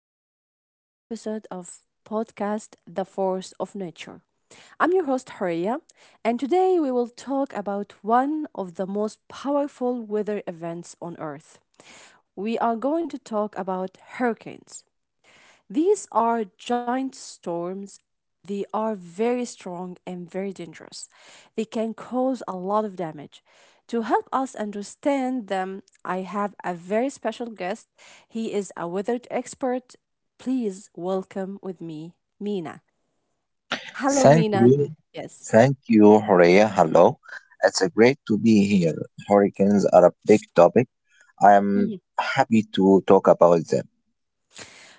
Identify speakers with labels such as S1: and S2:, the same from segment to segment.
S1: back to a new episode of podcast The Force of Nature. I'm your host, Horia, and today we will talk about one of the most powerful weather events on Earth. We are going to talk about hurricanes. These are giant storms. They are very strong and very dangerous. They can cause a lot of damage. To help us understand them, I have a very special guest. He is a weather expert. Please welcome with me, Mina. Hello,
S2: Thank
S1: Mina.
S2: you.
S1: Yes.
S2: Thank you, Horea. Hello. It's a great to be here. Hurricanes are a big topic. I'm
S1: Mm-hmm.
S2: happy to talk about them.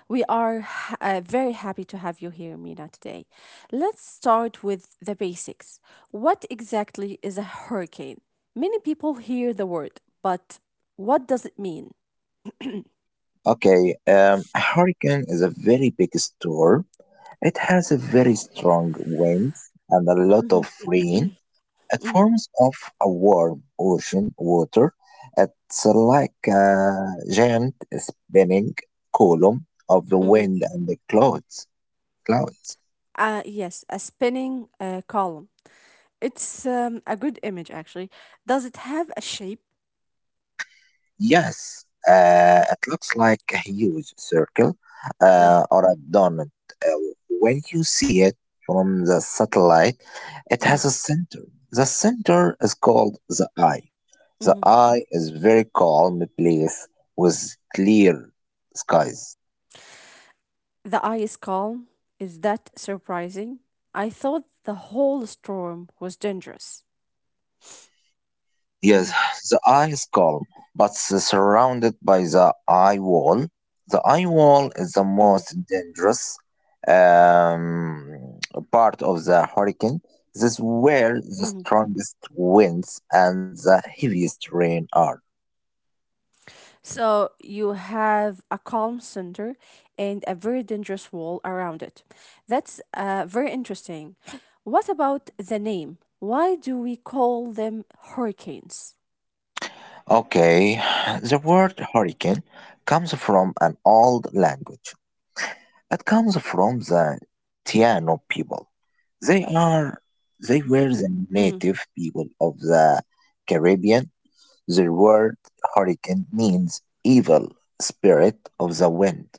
S1: We are very happy to have you here, Mina, today. Let's start with the basics. What exactly is a hurricane? Many people hear the word, but what does it mean?
S2: Okay, a hurricane is a very big storm. It has a very strong winds and a lot of rain. It forms of a warm ocean water. It's like a giant spinning column of the
S1: Mhm.
S2: wind and the clouds.
S1: Yes, a spinning column. It's a good image, actually. Does it have a shape?
S2: Yes, it looks like a huge circle
S1: Mhm,
S2: or a donut. Uh, when you see it from the satellite, it
S1: mhm,
S2: has a center. The center is called the eye. The
S1: mhm.
S2: eye is very calm place with clear skies.
S1: The eye is calm. Is that surprising? I thought the whole storm was dangerous.
S2: Yes,
S1: Mhm,
S2: the eye is calm, but surrounded by the eye wall. The eye wall is the most
S1: mhm,
S2: dangerous um, part of the hurricane. This is where the
S1: mhm.
S2: strongest winds and the heaviest rain are.
S1: So you have a calm center and a very dangerous wall around it. That's very interesting. What about the name? Why do we call them hurricanes?
S2: Okay, the word hurricane comes from an old language. It comes from the Tiano people. They are they were the
S1: Mm,
S2: native people of the Caribbean. The word hurricane means evil spirit of the wind.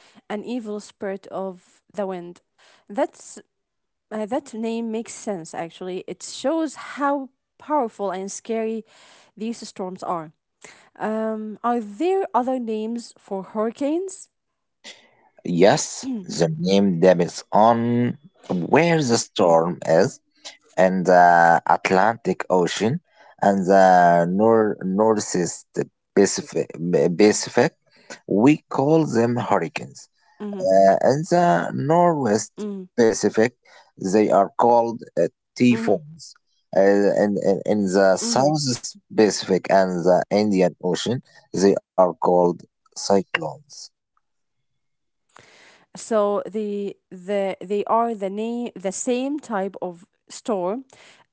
S1: an evil spirit of the wind. That's that name makes sense actually. It shows how powerful and scary these storms are. Are there other names for hurricanes?
S2: Yes, the name depends on where the
S1: Mm-hmm,
S2: storm is in the Atlantic Ocean and the Northeast Pacific, Pacific. We call them hurricanes.
S1: mm-hmm,
S2: In the Northwest
S1: mm-hmm.
S2: Pacific, they are called
S1: Mm-hmm.
S2: typhoons. Uh, and in the
S1: Mm-hmm.
S2: Southwest Pacific and the Indian Ocean, they are called cyclones.
S1: So the they are the name the same type of store,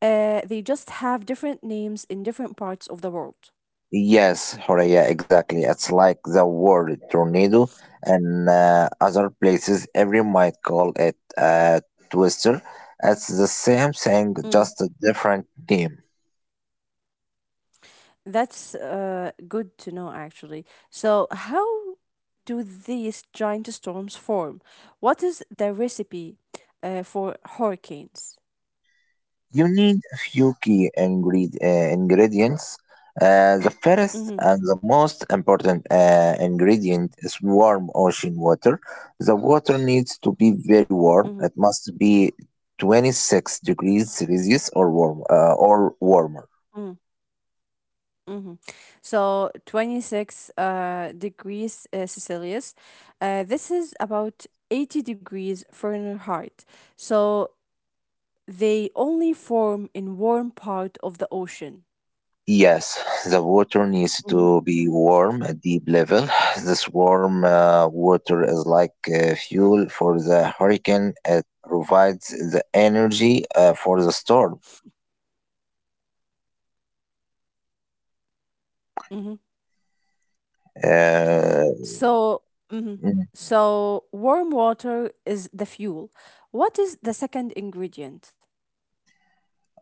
S1: they just have different names in different parts of the world.
S2: Yes, Horea, exactly. It's like the word tornado, and other places every might call it a twister. It's the same thing,
S1: Mm.
S2: just a different name.
S1: That's good to know actually. So how do these giant storms form? What is the recipe for hurricanes?
S2: You need a few key ingredients. The first
S1: Mm-hmm,
S2: and the most important ingredient is warm ocean water. The water needs to be very warm.
S1: mm-hmm,
S2: It must be 26 degrees Celsius or warm or warmer.
S1: mhm. So 26 degrees Celsius. This is about 80 degrees Fahrenheit. So they only form in warm part of the ocean.
S2: Yes, the water needs
S1: Mhm.
S2: to be warm at deep level. This warm water is like fuel for the hurricane. It provides the energy for the storm.
S1: Mhm.
S2: Uh,
S1: So mhm.
S2: mm,
S1: So warm water is the fuel. What is the second ingredient?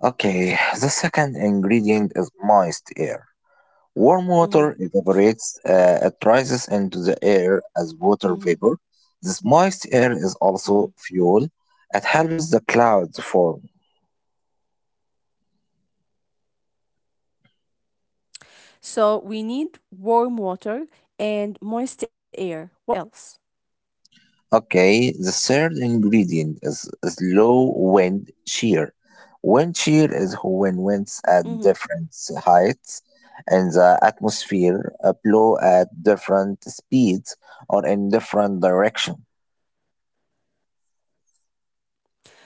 S2: okay, the second ingredient is moist air. Warm
S1: Mhm.
S2: water evaporates, it rises into the air as water
S1: Mhm.
S2: vapor. This moist air is also
S1: Mhm.
S2: fuel. It helps the clouds form.
S1: So we need warm water and moist air. What else?
S2: Okay, the third ingredient is low wind shear. Wind shear is when winds at
S1: Mm-hmm.
S2: different heights in the atmosphere blow at different speeds or in different directions.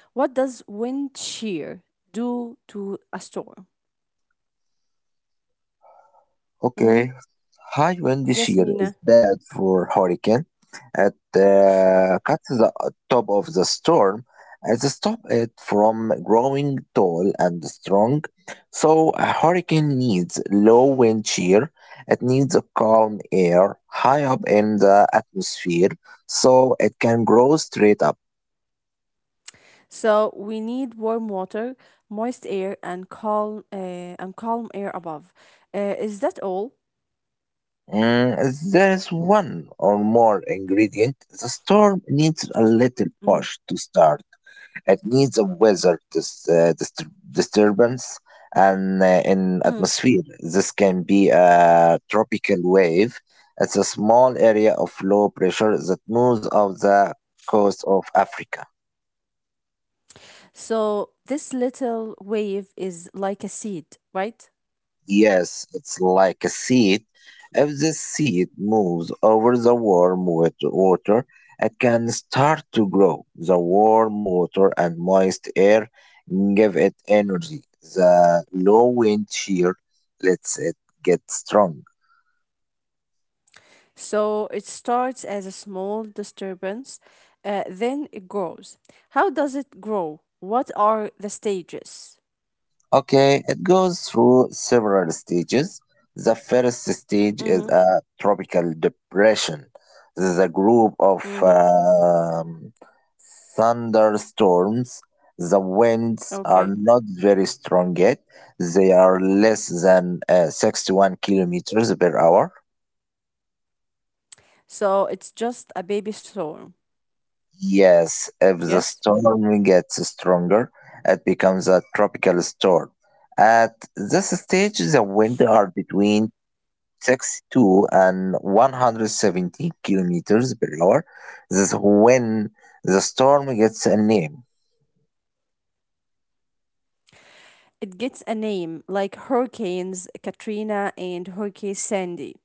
S1: What does wind shear do to a storm? Hmm.
S2: Okay, high wind this
S1: Yes,
S2: year is
S1: Mina.
S2: bad for hurricane. It cuts the top of the storm and stops it from growing tall and strong. So a hurricane needs low wind shear. It needs a calm air high up in the atmosphere so it can grow straight up.
S1: So we need warm water, moist air, and calm air above. Is that all?
S2: There is one or more ingredient. The storm needs a little
S1: Mm.
S2: push to start. It needs a weather disturbance and in
S1: Mm.
S2: atmosphere. This can be a tropical wave. It's a small area of low pressure that moves off the coast of Africa.
S1: So this little wave is like a seed, right?
S2: Yes, it's like a seed. If the seed moves over the warm wet water, it can start to grow. The warm water and moist air give it energy. The low wind shear lets it get strong.
S1: So it starts as a small disturbance, then it grows. How does it grow? What are the stages?
S2: Okay, it goes through several stages. The first stage is
S1: Mm-hmm.
S2: a tropical depression. This is a group of
S1: Mm-hmm.
S2: thunderstorms. The winds are
S1: Okay.
S2: not very strong yet. They are less than 61 kilometers per hour.
S1: So it's just a baby storm.
S2: Yes, if the
S1: Yes?
S2: storm gets stronger, it becomes a tropical storm. At this stage, the winds are between 62 and 170 kilometers per hour. This is when the storm gets a name.
S1: It gets a name like Hurricanes Katrina and Hurricane Sandy.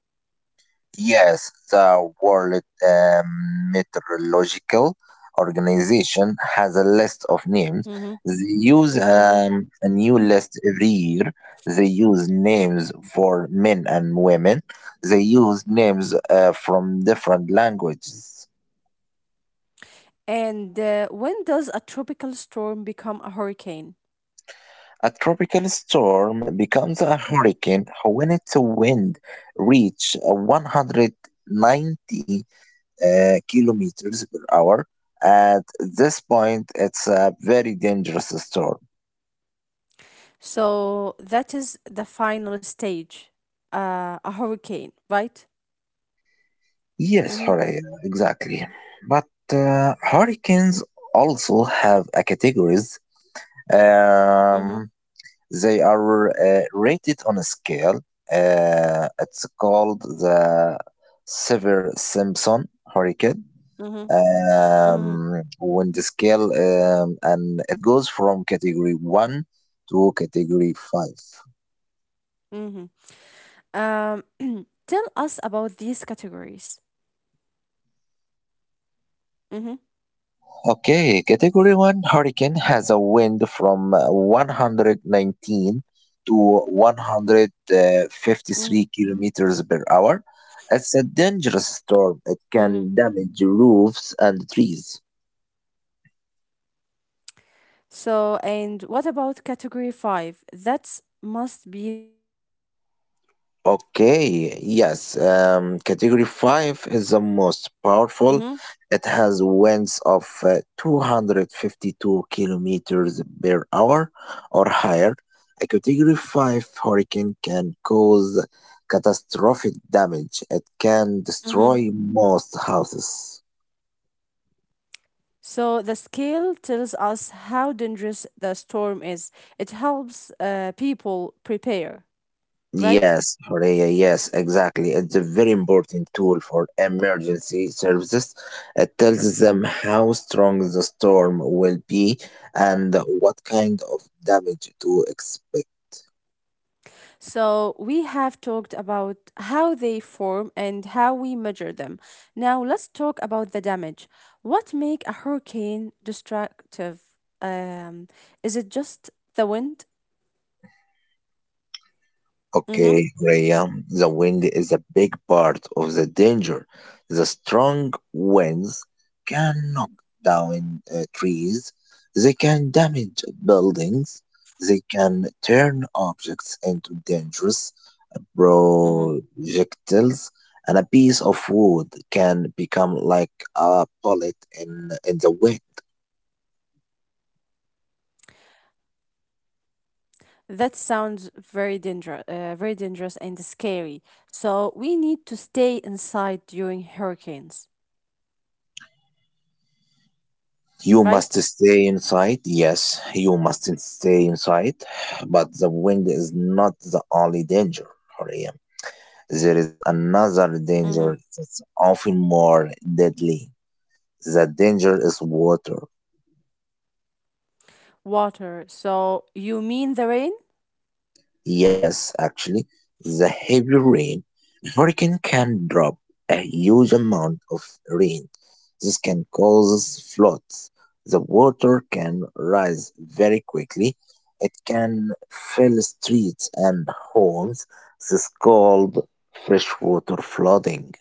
S2: Yes, the World Meteorological Organization has a list of names.
S1: Hmm.
S2: They use
S1: Hmm.
S2: a new list every year. They use names for men and women. They use names from different languages.
S1: and when does a tropical storm become a hurricane?
S2: A tropical storm becomes a hurricane when its wind reaches 190 kilometers per hour. At this point, it's a very dangerous storm.
S1: So that is the final stage, a hurricane, right?
S2: Yes,
S1: Mm-hmm,
S2: Horea, exactly. But hurricanes also have a categories.
S1: mm-hmm,
S2: Um, they are rated on a scale. It's called the Severe Simpson Hurricane
S1: mm-hmm,
S2: on the scale, and it goes from category 1 to category 5.
S1: mm-hmm, mm-hmm. Tell us about these categories. Mm-hmm,
S2: Okay, category 1 hurricane has a wind from 119 to 153 kilometers per hour. It's a dangerous storm. It
S1: mm-hmm.
S2: can damage roofs and trees.
S1: So, and what about category five? That must be the worst, right?
S2: Okay, yes. Category 5 is the most powerful.
S1: Mm-hmm.
S2: It has winds of 252 kilometers per hour or higher. A category 5 hurricane can cause catastrophic damage. It can
S1: Mm-hmm.
S2: destroy most houses.
S1: So the scale tells us how dangerous the storm is. It helps people prepare, right?
S2: Yes, Horea, yes, exactly. It's a very important tool for emergency services. It tells them how strong the storm will be and what kind of damage to expect.
S1: So we have talked about how they form and how we measure them. Now let's talk about the damage. What make a hurricane destructive? Um, is it just the wind? Mm-hmm.
S2: Okay, Horea, the wind is a big part of the danger. The strong winds can knock down trees, they can damage buildings, they can turn objects into dangerous
S1: Mm-hmm.
S2: projectiles, and a piece of wood can become like a bullet in the wind.
S1: That sounds very dangerous and scary. So we need to stay inside during hurricanes,
S2: You must
S1: right?
S2: stay inside. Yes, you must stay inside. But the wind is not the only danger, Horia. There is another
S1: Mm-hmm.
S2: danger that's often more deadly. The danger is water.
S1: Water. So you mean the rain?
S2: Yes, actually, the heavy rain, a hurricane can drop a huge amount of rain. This can cause floods. The water can rise very quickly. It can fill streets and homes. This is called freshwater flooding.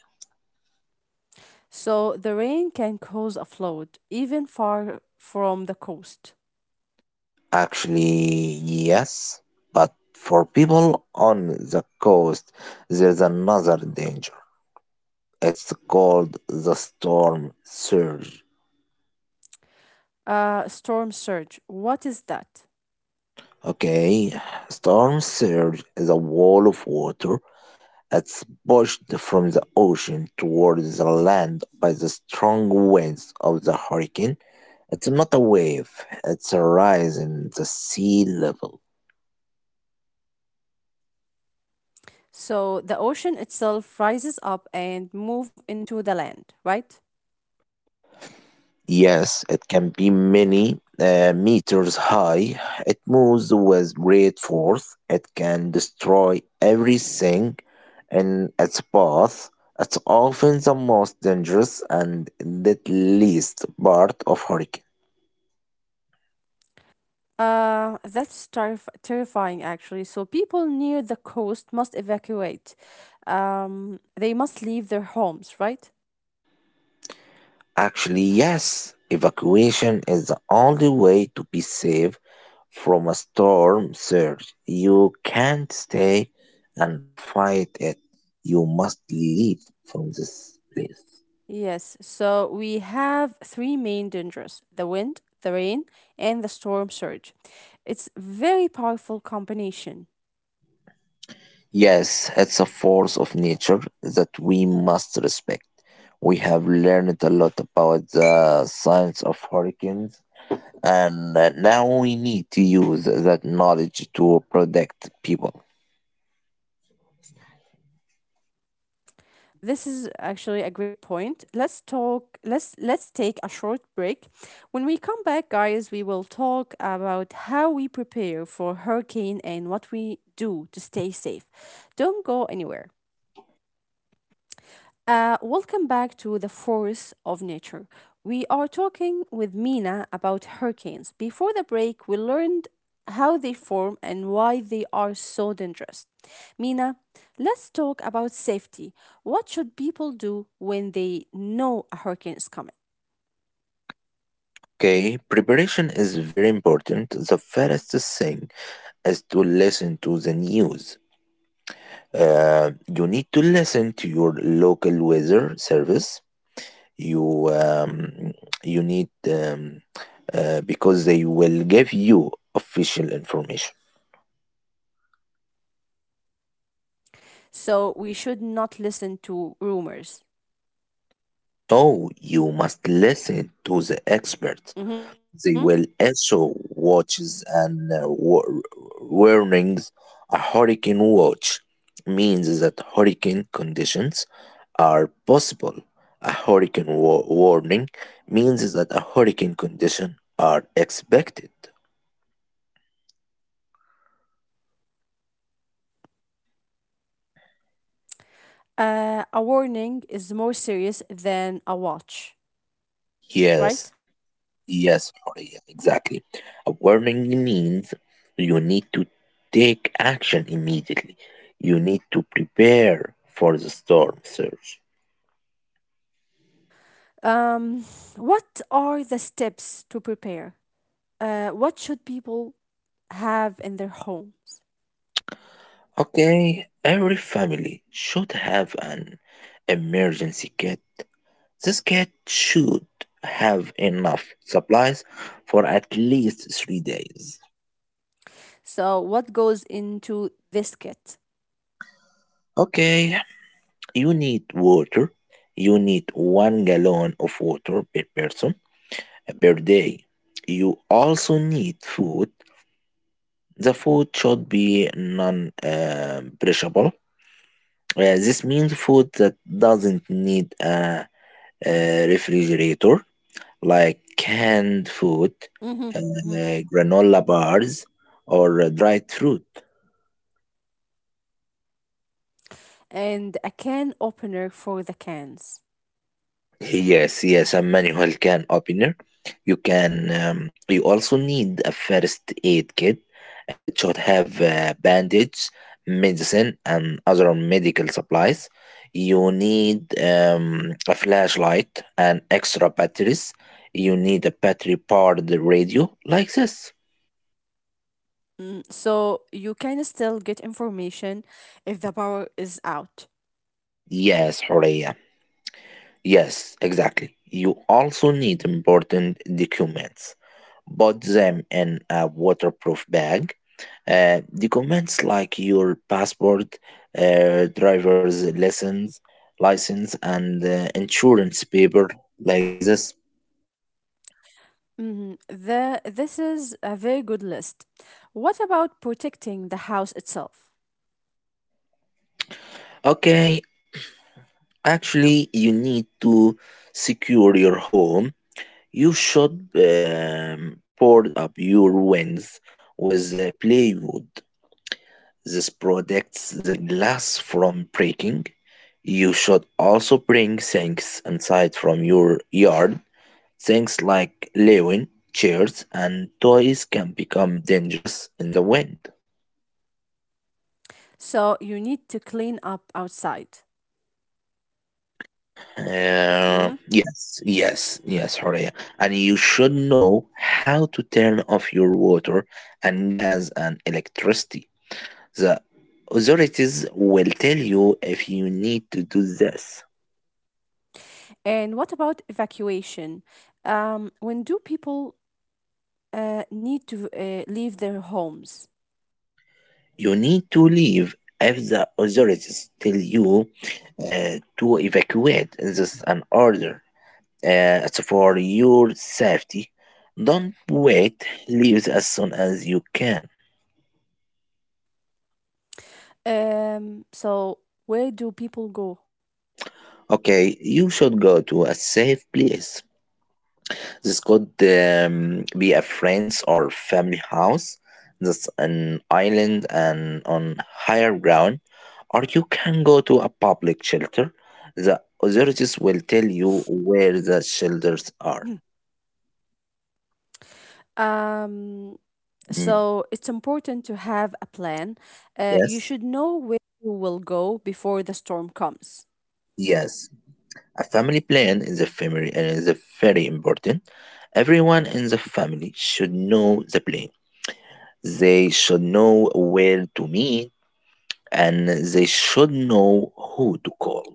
S1: So the rain can cause a flood even far from the coast.
S2: Actually, yes, but for people on the coast, there's another danger. It's called the storm surge.
S1: Storm surge. What is that?
S2: Okay, storm surge is a wall of water that's pushed from the ocean towards the land by the strong winds of the hurricane. It's not a wave, it's a rise in the sea level.
S1: So the ocean itself rises up and move into the land, right?
S2: Yes, it can be many meters high. It moves with great force. It can destroy everything in its path. It's often the most dangerous and deadliest part of hurricane.
S1: That's terrifying, actually. So, people near the coast must evacuate. They must leave their homes, right?
S2: Actually, yes, evacuation is the only way to be safe from a storm surge. You can't stay and fight it. You must leave from this place.
S1: Yes. So, we have three main dangers the wind, the rain, and the storm surge. It's very powerful combination.
S2: Yes, it's a force of nature that we must respect. We have learned a lot about the science of hurricanes, and now we need to use that knowledge to protect people.
S1: This is actually a great point. Let's talk let's take a short break. When we come back, guys, we will talk about how we prepare for hurricane and what we do to stay safe. Don't go anywhere. Welcome back to the Force of Nature. We are talking with Mina about hurricanes. Before the break, we learned how they form and why they are so dangerous. Mina, let's talk about safety. What should people do when they know a hurricane is coming?
S2: Okay, preparation is very important. The first thing is to listen to the news. You need to listen to your local weather service, you you need because they will give you official information.
S1: So, we should not listen to rumors.
S2: Oh, you must listen to the experts.
S1: Mhm.
S2: They will issue watches and warnings. A hurricane watch means that hurricane conditions are possible. A hurricane warning means that a hurricane condition are expected.
S1: A warning is more serious than a watch,
S2: Yes,
S1: right?
S2: Yes, Horia, exactly. A warning means you need to take action immediately. You need to prepare for the storm surge.
S1: Um, what are the steps to prepare? What should people have in their homes?
S2: Okay, every family should have an emergency kit. This kit should have enough supplies for at least 3 days.
S1: So, what goes into this kit?
S2: Okay, you need water. You need 1 gallon of water per person. Birthday. You also need food. The food should be non perishable. This means food that doesn't need a refrigerator, like canned food,
S1: Hmm.
S2: uh, granola bars, or dried fruit.
S1: And a can opener for the cans.
S2: Yes, yes, a manual can opener. You can. You also need a first aid kit. It should have bandage, medicine, and other medical supplies. You need a flashlight and extra batteries. You need a battery powered radio like this.
S1: Mm. So, you can still get information if the power is out.
S2: Yes, Horea. Yes, exactly. You also need important documents. Put them in a waterproof bag. Documents like your passport, driver's license, and insurance paper, like this.
S1: Hmm. This is a very good list. What about protecting the house itself?
S2: Okay, actually, you need to secure your home. You should board up your winds with plywood. This protects the glass from breaking. You should also bring things inside from your yard. Things like lewin, chairs, and toys can become dangerous in the wind.
S1: So, you need to clean up outside.
S2: Uh,
S1: Hmm.
S2: yes, yes, yes, Horia. And you should know how to turn off your water and gas and electricity. The authorities will tell you if you need to do this.
S1: And what about evacuation? When do people need to leave their homes?
S2: You need to leave if the authorities tell you to evacuate. This is an order. It's for your safety. Don't wait. Leave as soon as you can.
S1: So, where do people go?
S2: Okay, you should go to a safe place. This could be a friend's or family house that's an island and on higher ground, or you can go to a public shelter. The authorities will tell you where the shelters are.
S1: Um,
S2: Mm,
S1: so, it's important to have a plan. You
S2: yes,
S1: should know where you will go before the storm comes.
S2: yes. A family plan is a family and is a very important. Everyone in the family should know the plan. They should know where to meet and they should know who to call.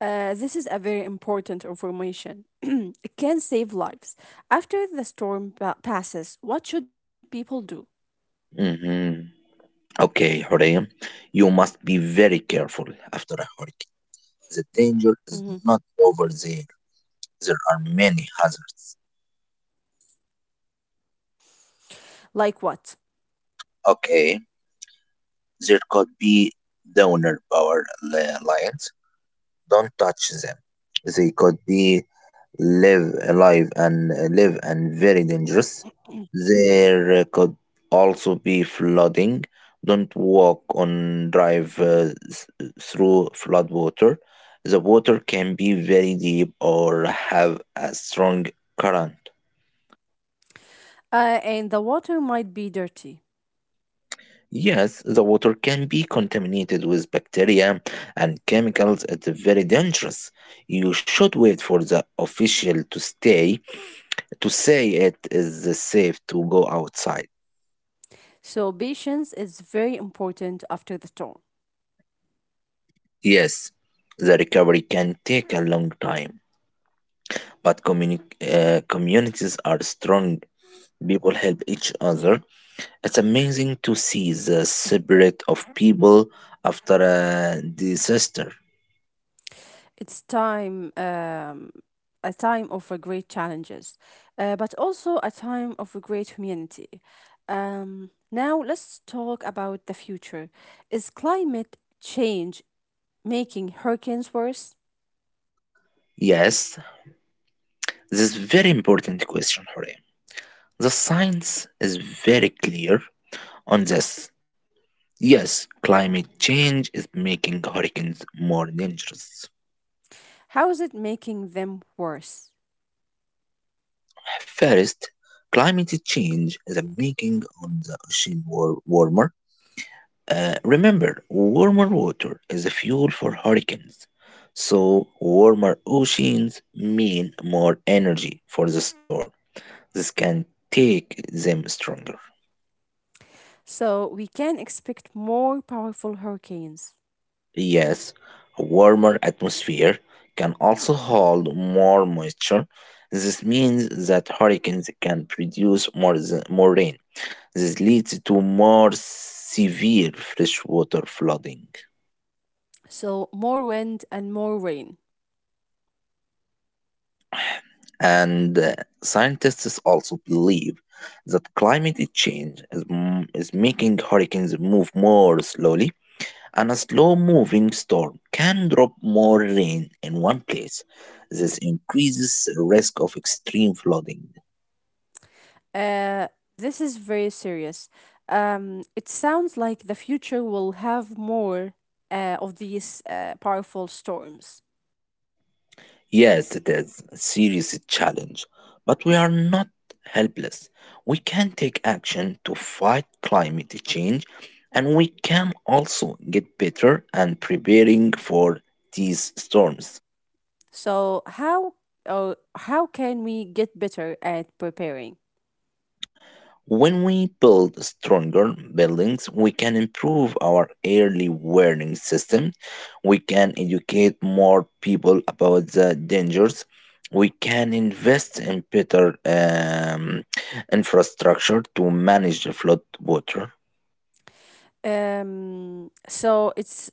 S1: This is a very important information. It can save lives. After the storm passes, what should people do?
S2: Mhm. Okay, Horea, you must be very careful after a hurricane. The danger is
S1: Mhm.
S2: not over there. There are many hazards.
S1: Like what?
S2: Okay, there could be downer power lines. Don't touch them. They could be live alive and live and very dangerous. There could also be flooding. Don't walk on drive through flood water. The water can be very deep or have a strong current.
S1: And the water might be dirty.
S2: Yes, the water can be contaminated with bacteria and chemicals. It's very dangerous. You should wait for the official to say it is safe to go outside.
S1: So, patience is very important after the storm.
S2: Yes, the recovery can take a long time, but communities are strong. People help each other. It's amazing to see the spirit of people after a disaster.
S1: It's time, a time of great challenges, but also a time of a great humanity. Now, let's talk about the future. Is climate change making hurricanes worse?
S2: Yes, this is very important question, Hore. The science is very clear on this. Yes, climate change is making hurricanes more dangerous.
S1: How is it making them worse?
S2: First, climate change is making on the ocean warmer. Remember, warmer water is a fuel for hurricanes. So, warmer oceans mean more energy for the storm. This can take them stronger.
S1: So, we can expect more powerful hurricanes.
S2: Yes, a warmer atmosphere can also hold more moisture. This means that hurricanes can produce more rain. This leads to more severe freshwater flooding.
S1: So, more wind and more rain.
S2: And scientists also believe that climate change is making hurricanes move more slowly, and a slow moving storm can drop more rain in one place. This increases the risk of extreme flooding.
S1: Uh, this is very serious. It sounds like the future will have more of these powerful storms.
S2: Yes, it is a serious challenge, but we are not helpless. We can take action to fight climate change, and we can also get better and preparing for these storms.
S1: So how or how can we get better at preparing?
S2: When we build stronger buildings, we can improve our early warning system. We can educate more people about the dangers. We can invest in better infrastructure to manage the flood water.
S1: So it's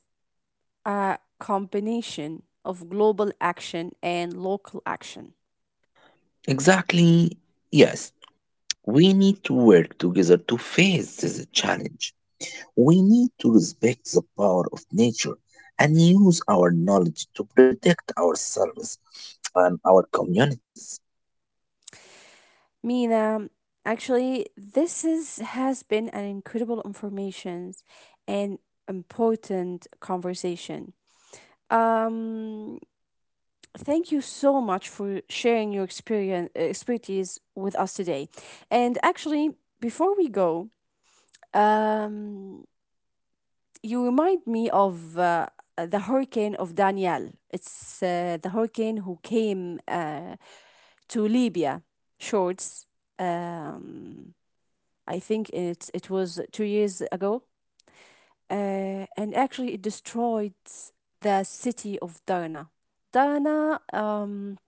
S1: a combination of global action and local action.
S2: Exactly. Yes, we need to work together to face this challenge. We need to respect the power of nature and use our knowledge to protect ourselves and our communities.
S1: Mina, actually, this is has been an incredible information and important conversation. Um, Thank you so much for sharing your experience expertise with us today. And actually, before we go, um, you remind me of the hurricane of Danielle. It's the hurricane who came to Libya shorts. Um, I think it was 2 years ago, and actually it destroyed the city of Darna. Darna.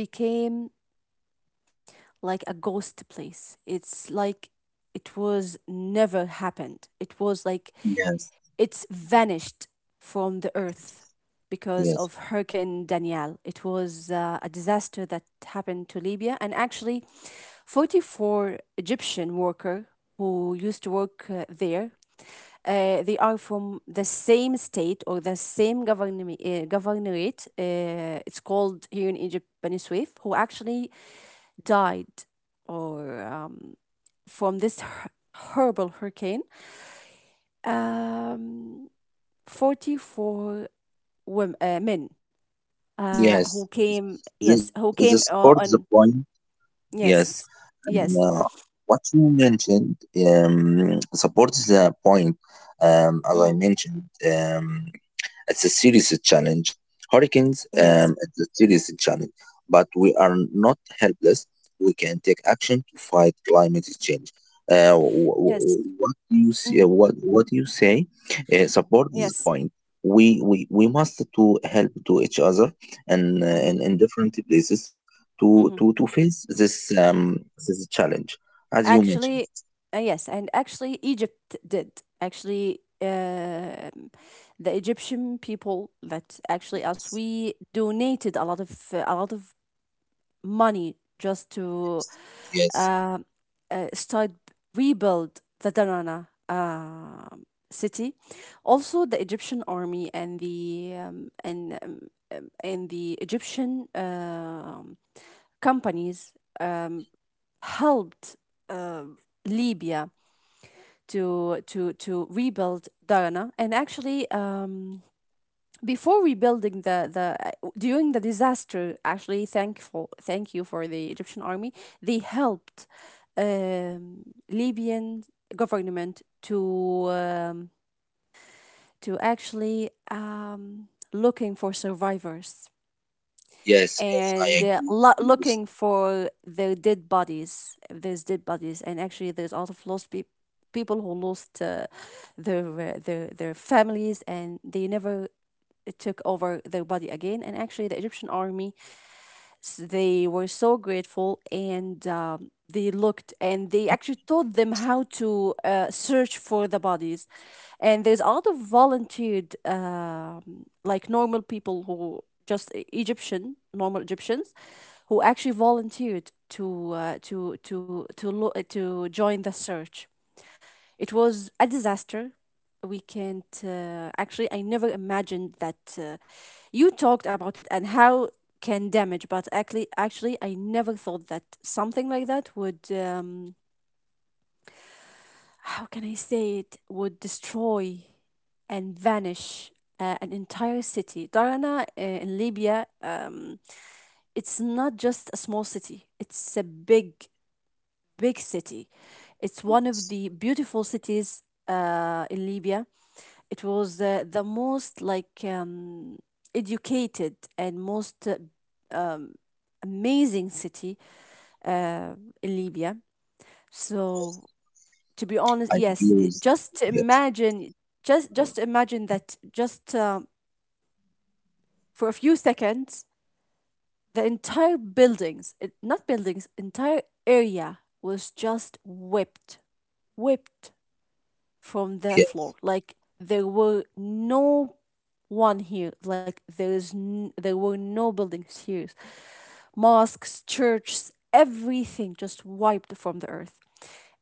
S1: Became like a ghost place. It's like it was never happened. It was like
S2: Yes,
S1: it's vanished from the earth because
S2: yes,
S1: of Hurricane Danielle. It was a disaster that happened to Libya, and actually 44 Egyptian worker who used to work there. They are from the same state or the same government, governorate. It's called here in Egypt Benisouef, who actually died or from this horrible hurricane. Um, 44 women, men who
S2: yes, yes.
S1: came, yes,
S2: The,
S1: who
S2: the
S1: came
S2: support the
S1: on,
S2: point. Yes,
S1: yes,
S2: and
S1: yes,
S2: what you mentioned supports the point. As I
S1: mm,
S2: mentioned, it's a serious challenge. Hurricanes,
S1: yes,
S2: it's a serious challenge, but we are not helpless. We can take action to fight climate change. Uh, wh-
S1: yes,
S2: wh- what you see,
S1: mhm,
S2: what you say, support this
S1: yes,
S2: point. We must to help to each other and
S1: hmm.
S2: in different places to to
S1: Hmm.
S2: to face this this challenge, as you mentioned.
S1: Actually, yes, and actually, Egypt did. Actually, the Egyptian people that actually us
S2: Yes,
S1: we donated a lot of money just to
S2: yes, yes,
S1: uh, start rebuild the Darana city. Also, the Egyptian army and the Egyptian companies helped uh, Libya to rebuild Darana. And actually, before rebuilding the during the disaster actually thank you for the Egyptian army. They helped um, Libyan government to actually looking for survivors
S2: yes, yes, I
S1: and
S2: agree with you.
S1: looking for their dead bodies if there's dead bodies. And actually, there's a lot of lost people, people who lost their their families, and they never took over their body again. And actually, the Egyptian army, they were so grateful, and they looked and they actually taught them how to search for the bodies. And there's a lot of volunteered, like normal people who just Egyptian, normal Egyptians, who actually volunteered to to join the search. It was a disaster we can't. Actually, I never imagined that, you talked about it and how can damage, but actually I never thought that something like that would, how can I say, it would destroy and vanish an entire city, Darana, in Libya. It's not just a small city, it's a big city. It's one of the beautiful cities in Libya. It was the most like educated and most amazing city uh, in Libya. So to be
S2: I
S1: honest,
S2: agree
S1: yes,
S2: with you.
S1: just
S2: Yes.
S1: imagine, just imagine that just for a few seconds, the entire buildings, not buildings, entire area was just whipped, whipped from the
S2: Yeah,
S1: floor. Like there were no one here. Like there were no buildings here. Mosques, churches, everything just wiped from the earth.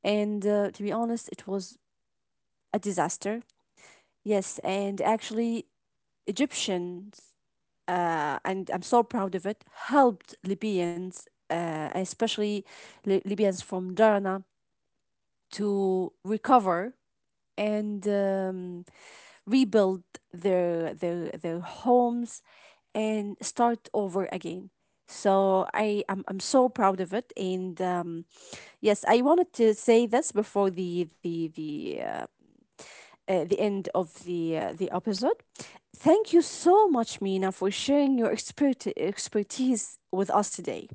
S1: And to be honest, it was a disaster. Yes, and actually Egyptians, and I'm so proud of it, helped Libyans, especially Libyans from Darna, to recover and rebuild their homes and start over again. So I'm so proud of it. And yes, I wanted to say this before the end of the episode. Thank you so much, Mina, for sharing your expertise with us today.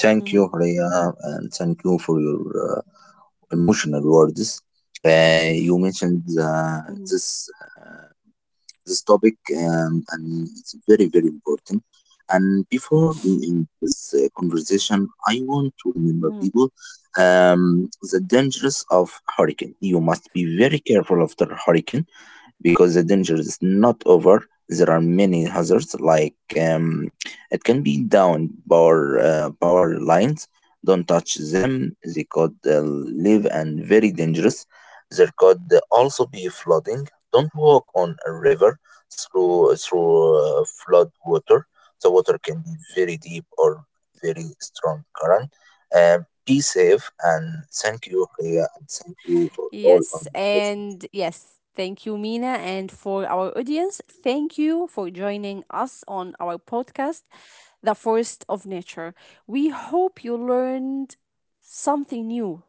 S2: thank you,
S1: Mhm,
S2: Horea, and thank you for your uh, emotional words. You mentioned uh,
S1: mhm,
S2: this this topic, and it's very very important. And before we end this conversation, I want to remember
S1: mhm.
S2: people the dangers of hurricane. You must be very careful after hurricane. Because the danger is not over. There are many hazards like it can be down power power lines. Don't touch them; they could live and very dangerous. There could also be flooding. Don't walk on a river through flood water. The water can be very deep or very strong current. Uh, be safe and thank you, Clea, and thank you for all our
S1: Yes,
S2: listeners.
S1: and yes, thank you, Mina. And for our audience, thank you for joining us on our podcast, The Forest of Nature. We hope you learned something new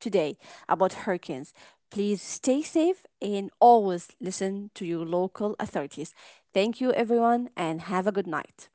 S1: today about hurricanes. Please stay safe and always listen to your local authorities. Thank you, everyone, and have a good night.